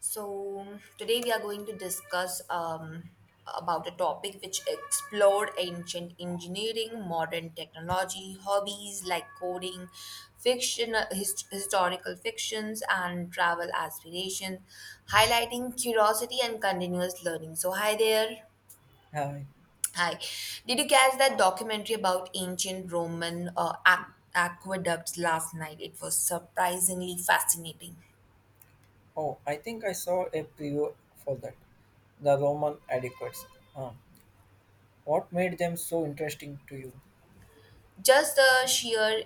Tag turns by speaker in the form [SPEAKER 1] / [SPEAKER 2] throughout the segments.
[SPEAKER 1] So today we are going to discuss about a topic which explored ancient engineering, modern technology, hobbies like coding, fiction, historical fictions, and travel aspirations, highlighting curiosity and continuous learning. So hi there.
[SPEAKER 2] Hi.
[SPEAKER 1] Hi. Did you catch that documentary about ancient Roman aqueducts last night? It was surprisingly fascinating.
[SPEAKER 2] Oh, I think I saw a preview for that. The Roman adequates. Huh. What made them so interesting to you?
[SPEAKER 1] Just the sheer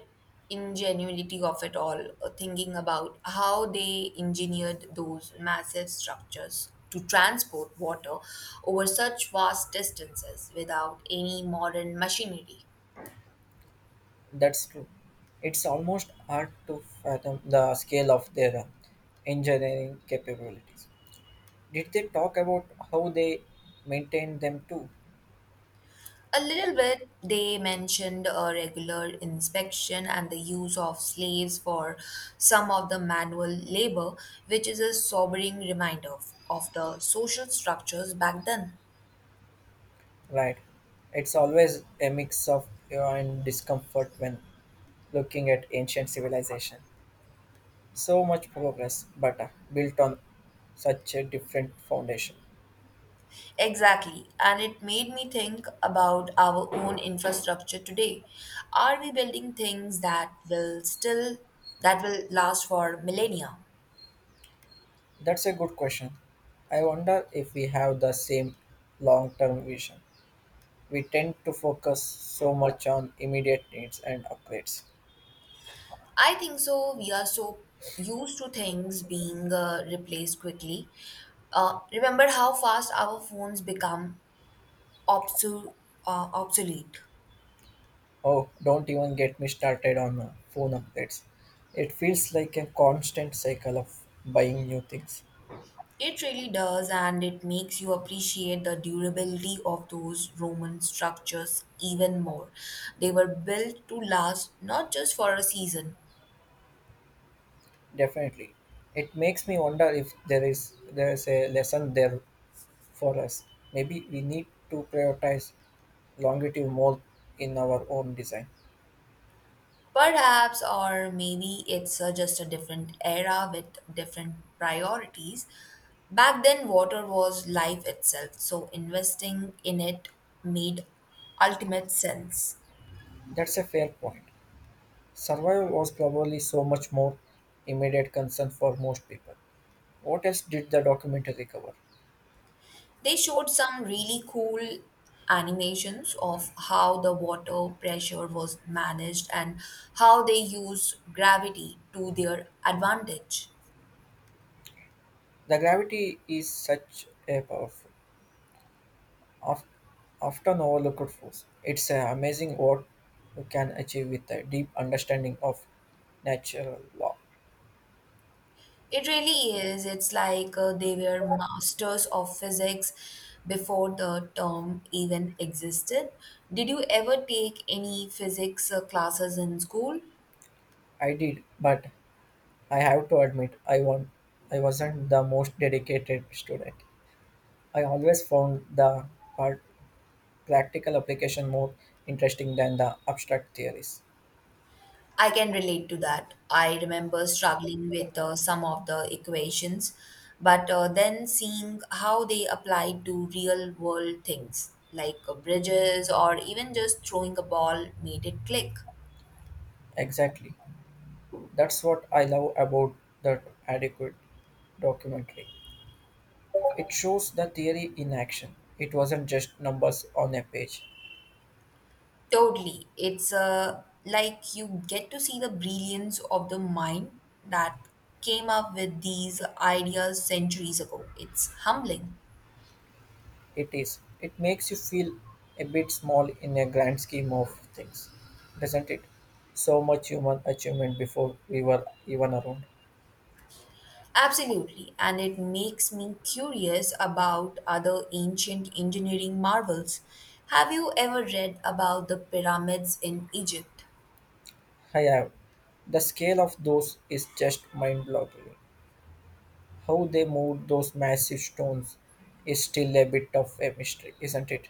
[SPEAKER 1] ingenuity of it all, thinking about how they engineered those massive structures to transport water over such vast distances without any modern machinery.
[SPEAKER 2] That's true. It's almost hard to fathom the scale of their engineering capabilities. Did they talk about how they maintained them too?
[SPEAKER 1] A little bit, they mentioned a regular inspection and the use of slaves for some of the manual labor, which is a sobering reminder of the social structures back then.
[SPEAKER 2] Right. It's always a mix of awe and discomfort when looking at ancient civilization. So much progress, but built on such a different foundation.
[SPEAKER 1] Exactly. And it made me think about our own infrastructure today. Are we building things that will still that will last for millennia?
[SPEAKER 2] That's a good question. I wonder if we have the same long term vision. We tend to focus so much on immediate needs and upgrades.
[SPEAKER 1] I think so. We are so used to things being replaced quickly. Remember how fast our phones become obsu- obsolete.
[SPEAKER 2] Oh, don't even get me started on phone upgrades. It feels like a constant cycle of buying new things.
[SPEAKER 1] It really does, and it makes you appreciate the durability of those Roman structures even more. They were built to last, not just for a season,
[SPEAKER 2] Definitely. It makes me wonder if there is a lesson there for us. Maybe we need to prioritize longevity more in our own design.
[SPEAKER 1] perhaps, or maybe it's just a different era with different priorities. Back then, water was life itself, so investing in it made ultimate sense.
[SPEAKER 2] That's a fair point. Survival was probably so much more immediate concern for most people. What else did the documentary cover?
[SPEAKER 1] They showed some really cool animations of how the water pressure was managed and how they use gravity to their advantage.
[SPEAKER 2] The gravity is such a powerful, of, often overlooked force. It's amazing what we can achieve with a deep understanding of natural law.
[SPEAKER 1] It really is. It's like they were masters of physics before the term even existed. Did you ever take any physics classes in school?
[SPEAKER 2] I did, but I have to admit, I won. I wasn't the most dedicated student. I always found the part practical application more interesting than the abstract theories.
[SPEAKER 1] I can relate to that. I remember struggling with some of the equations, but then seeing how they apply to real world things like bridges or even just throwing a ball made it click.
[SPEAKER 2] Exactly. That's what I love about that adequate documentary. It shows the theory in action. It wasn't just numbers on a page.
[SPEAKER 1] Totally. It's like you get to see the brilliance of the mind that came up with these ideas centuries ago. It's humbling.
[SPEAKER 2] It is. It makes you feel a bit small in a grand scheme of things, doesn't it? So much human achievement before we were even around.
[SPEAKER 1] Absolutely, and it makes me curious about other ancient engineering marvels. Have you ever read about the pyramids in Egypt?
[SPEAKER 2] I have. The scale of those is just mind boggling. How they moved those massive stones is still a bit of a mystery, isn't it?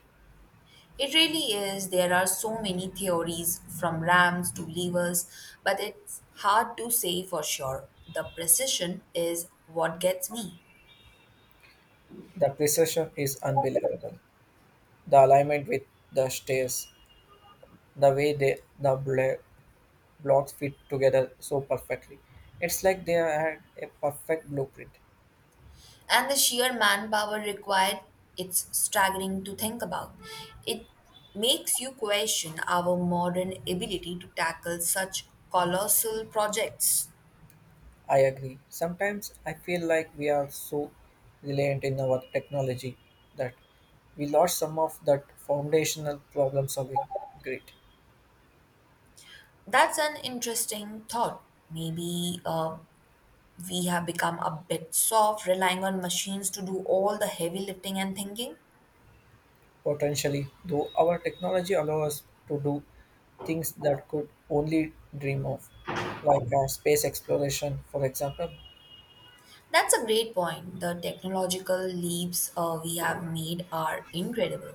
[SPEAKER 1] It really is, there are so many theories from ramps to levers, but it's hard to say for sure. The precision is what gets me.
[SPEAKER 2] The precision is unbelievable. The alignment with the stairs, the way the blocks fit together so perfectly. It's like they had a perfect blueprint.
[SPEAKER 1] And the sheer manpower required, it's staggering to think about. It makes you question our modern ability to tackle such colossal projects.
[SPEAKER 2] I agree. Sometimes I feel like we are so reliant in our technology that we lost some of that foundational problem solving grit.
[SPEAKER 1] That's an interesting thought. Maybe we have become a bit soft, relying on machines to do all the heavy lifting and thinking.
[SPEAKER 2] Potentially, though our technology allows us to do things that could only dream of, like space exploration, for example.
[SPEAKER 1] That's a great point. The technological leaps we have made are incredible.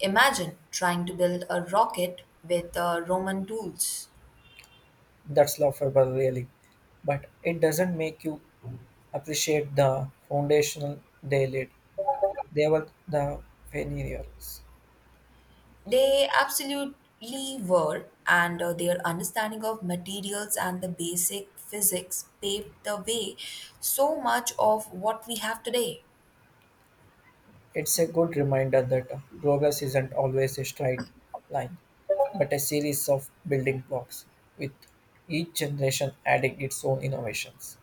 [SPEAKER 1] Imagine trying to build a rocket with roman tools.
[SPEAKER 2] That's laughable, really. But it doesn't make you appreciate the foundational they laid. They were the pioneers.
[SPEAKER 1] They absolutely were, and their understanding of materials and the basic physics paved the way so much of what we have today.
[SPEAKER 2] It's a good reminder that progress isn't always a straight line, but a series of building blocks, with each generation adding its own innovations.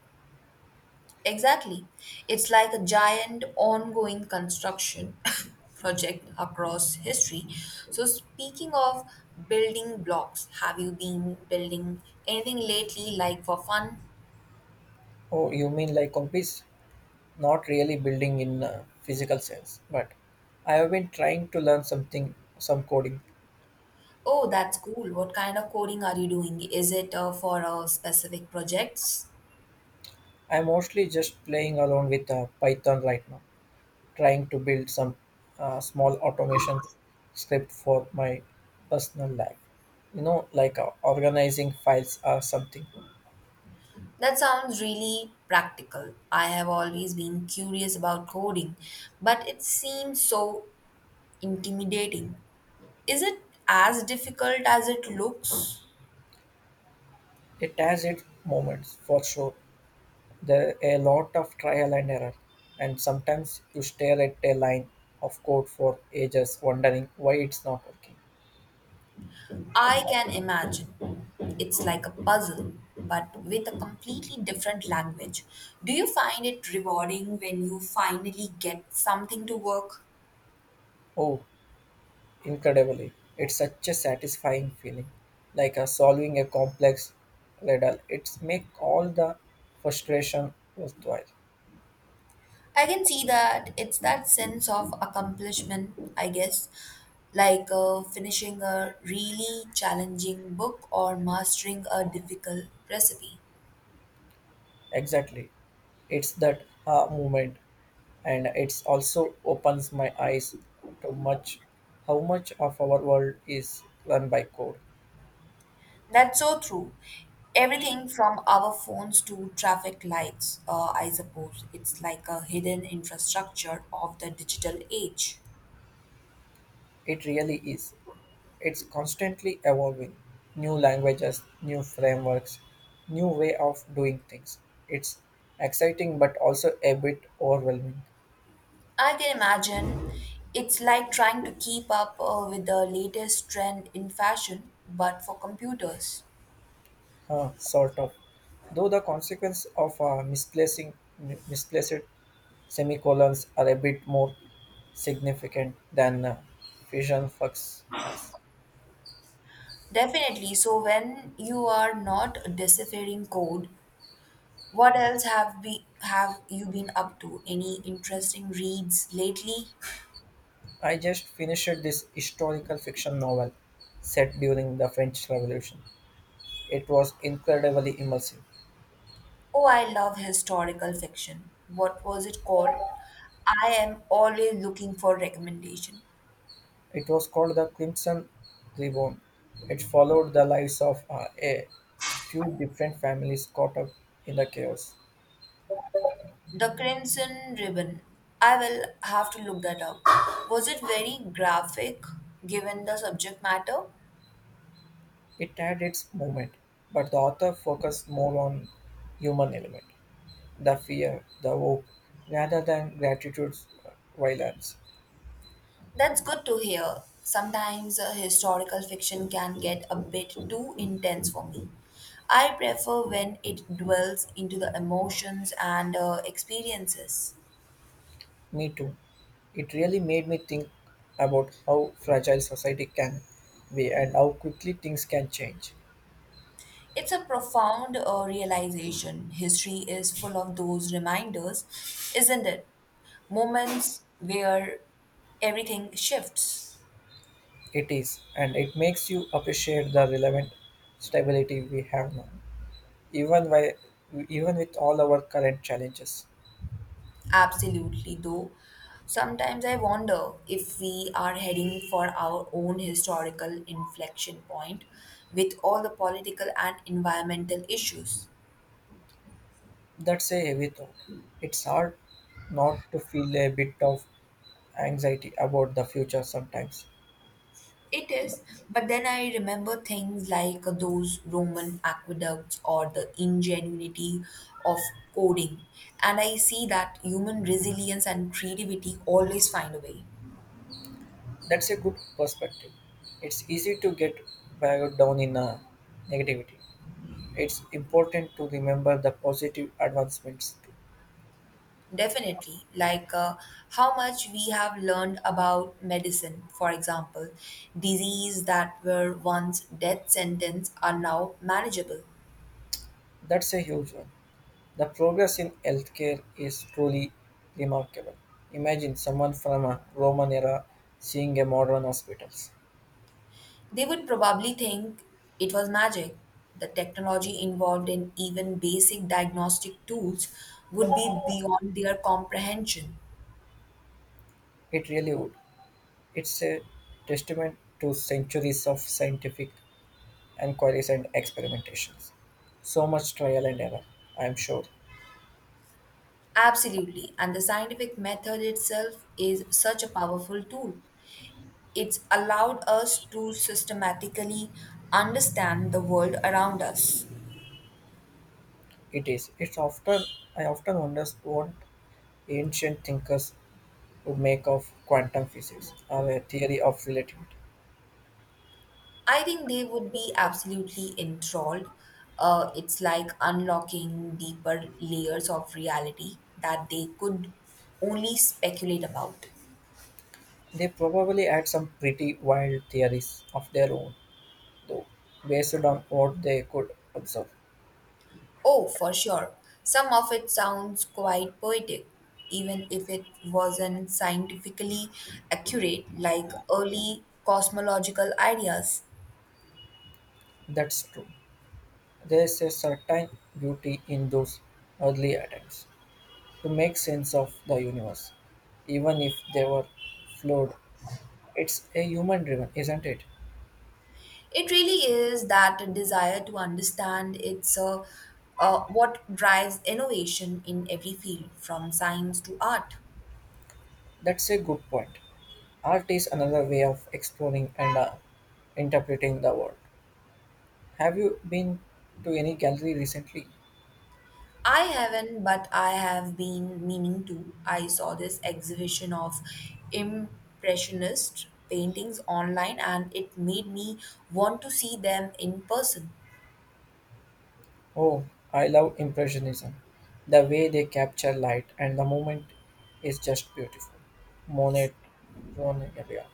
[SPEAKER 1] Exactly. It's like a giant ongoing construction project across history. So, speaking of building blocks, have you been building anything lately, like for fun?
[SPEAKER 2] Oh, you mean like hobbies? Not really building in a physical sense, but I have been trying to learn something, some coding.
[SPEAKER 1] Oh, that's cool. What kind of coding are you doing? Is it for specific projects?
[SPEAKER 2] I'm mostly just playing along with Python right now, trying to build some small automation script for my personal life. You know, like organizing files or something.
[SPEAKER 1] That sounds really practical. I have always been curious about coding, but it seems so intimidating. Is it as difficult as it looks?
[SPEAKER 2] It has its moments for sure. There are a lot of trial and error, and sometimes you stare at a line of code for ages wondering why it's not working.
[SPEAKER 1] I can imagine. It's like a puzzle, but with a completely different language. Do you find it rewarding when you finally get something to work?
[SPEAKER 2] Oh, incredibly, it's such a satisfying feeling, like solving a complex riddle. It's make all the frustration worthwhile.
[SPEAKER 1] I can see that. It's that sense of accomplishment, I guess, like finishing a really challenging book or mastering a difficult recipe.
[SPEAKER 2] Exactly, it's that moment, and it's also opens my eyes to much how much of our world is run by code.
[SPEAKER 1] That's so true. Everything from our phones to traffic lights, I suppose. It's like a hidden infrastructure of the digital age.
[SPEAKER 2] It really is. It's constantly evolving. New languages, new frameworks, new way of doing things. It's exciting but also a bit overwhelming.
[SPEAKER 1] I can imagine. It's like trying to keep up with the latest trend in fashion, but for computers.
[SPEAKER 2] Sort of. Though the consequence of misplaced semicolons are a bit more significant than Fusion Flux was.
[SPEAKER 1] Definitely. So when you are not deciphering code, what else have you been up to? Any interesting reads lately?
[SPEAKER 2] I just finished this historical fiction novel set during the French Revolution. It was incredibly immersive.
[SPEAKER 1] Oh, I love historical fiction. What was it called? I am always looking for recommendation.
[SPEAKER 2] It was called The Crimson Ribbon. It followed the lives of a few different families caught up in the chaos.
[SPEAKER 1] The Crimson Ribbon. I will have to look that up. Was it very graphic given the subject matter?
[SPEAKER 2] It had its moment, but the author focused more on human element, the fear, the hope, rather than gratitude's violence.
[SPEAKER 1] That's good to hear. Sometimes historical fiction can get a bit too intense for me. I prefer when it dwells into the emotions and experiences.
[SPEAKER 2] Me too. It really made me think about how fragile society can be and how quickly things can change.
[SPEAKER 1] It's a profound realization. History is full of those reminders, isn't it? Moments where everything shifts.
[SPEAKER 2] It is, and it makes you appreciate the relevant stability we have now, even while, even with all our current challenges.
[SPEAKER 1] Absolutely, though. Sometimes I wonder if we are heading for our own historical inflection point with all the political and environmental issues.
[SPEAKER 2] That's a heavy thought. It's hard not to feel a bit of anxiety about the future sometimes.
[SPEAKER 1] It is, but then I remember things like those Roman aqueducts or the ingenuity of coding, and I see that human resilience and creativity always find a way.
[SPEAKER 2] That's a good perspective. It's easy to get bogged down in negativity. It's important to remember the positive advancements too.
[SPEAKER 1] Definitely. Like how much we have learned about medicine, for example. Disease that were once death sentence are now manageable.
[SPEAKER 2] That's a huge one. The progress in healthcare is truly remarkable. Imagine someone from a Roman era seeing a modern hospitals.
[SPEAKER 1] They would probably think it was magic. The technology involved in even basic diagnostic tools would be beyond their comprehension.
[SPEAKER 2] It really would. It's a testament to centuries of scientific inquiries and experimentations so much trial and error, I am sure.
[SPEAKER 1] Absolutely. And the scientific method itself is such a powerful tool. It's allowed us to systematically understand the world around us.
[SPEAKER 2] It is. It's often I often wonder what ancient thinkers would make of quantum physics or a theory of relativity.
[SPEAKER 1] I think they would be absolutely enthralled. It's like unlocking deeper layers of reality that they could only speculate about.
[SPEAKER 2] They probably had some pretty wild theories of their own, though, based on what they could observe.
[SPEAKER 1] Oh, for sure. Some of it sounds quite poetic, even if it wasn't scientifically accurate, like early cosmological ideas.
[SPEAKER 2] That's true. There's a certain beauty in those early attempts to make sense of the universe, even if they were flawed. It's a human driven, isn't it?
[SPEAKER 1] It really is that desire to understand. It's what drives innovation in every field, from science to art.
[SPEAKER 2] That's a good point. Art is another way of exploring and interpreting the world. Have you been to any gallery recently?
[SPEAKER 1] I haven't, but I have been meaning to. I saw this exhibition of impressionist paintings online and it made me want to see them in person.
[SPEAKER 2] Oh, I love Impressionism. The way they capture light and the moment is just beautiful. Monet, Monet, yeah.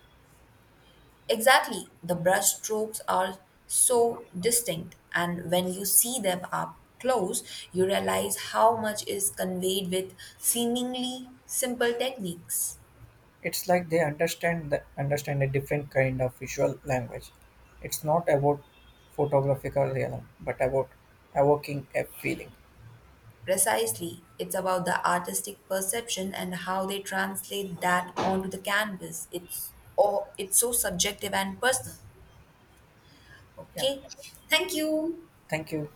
[SPEAKER 1] Exactly, the brush strokes are so distinct, and when you see them up close, you realize how much is conveyed with seemingly simple techniques.
[SPEAKER 2] It's like understand a different kind of visual language. It's not about photographical realism, but about evoking a feeling.
[SPEAKER 1] Precisely, it's about the artistic perception and how they translate that onto the canvas. It's oh, it's so subjective and personal.
[SPEAKER 2] Yeah,
[SPEAKER 1] Okay, thank you.
[SPEAKER 2] thank you.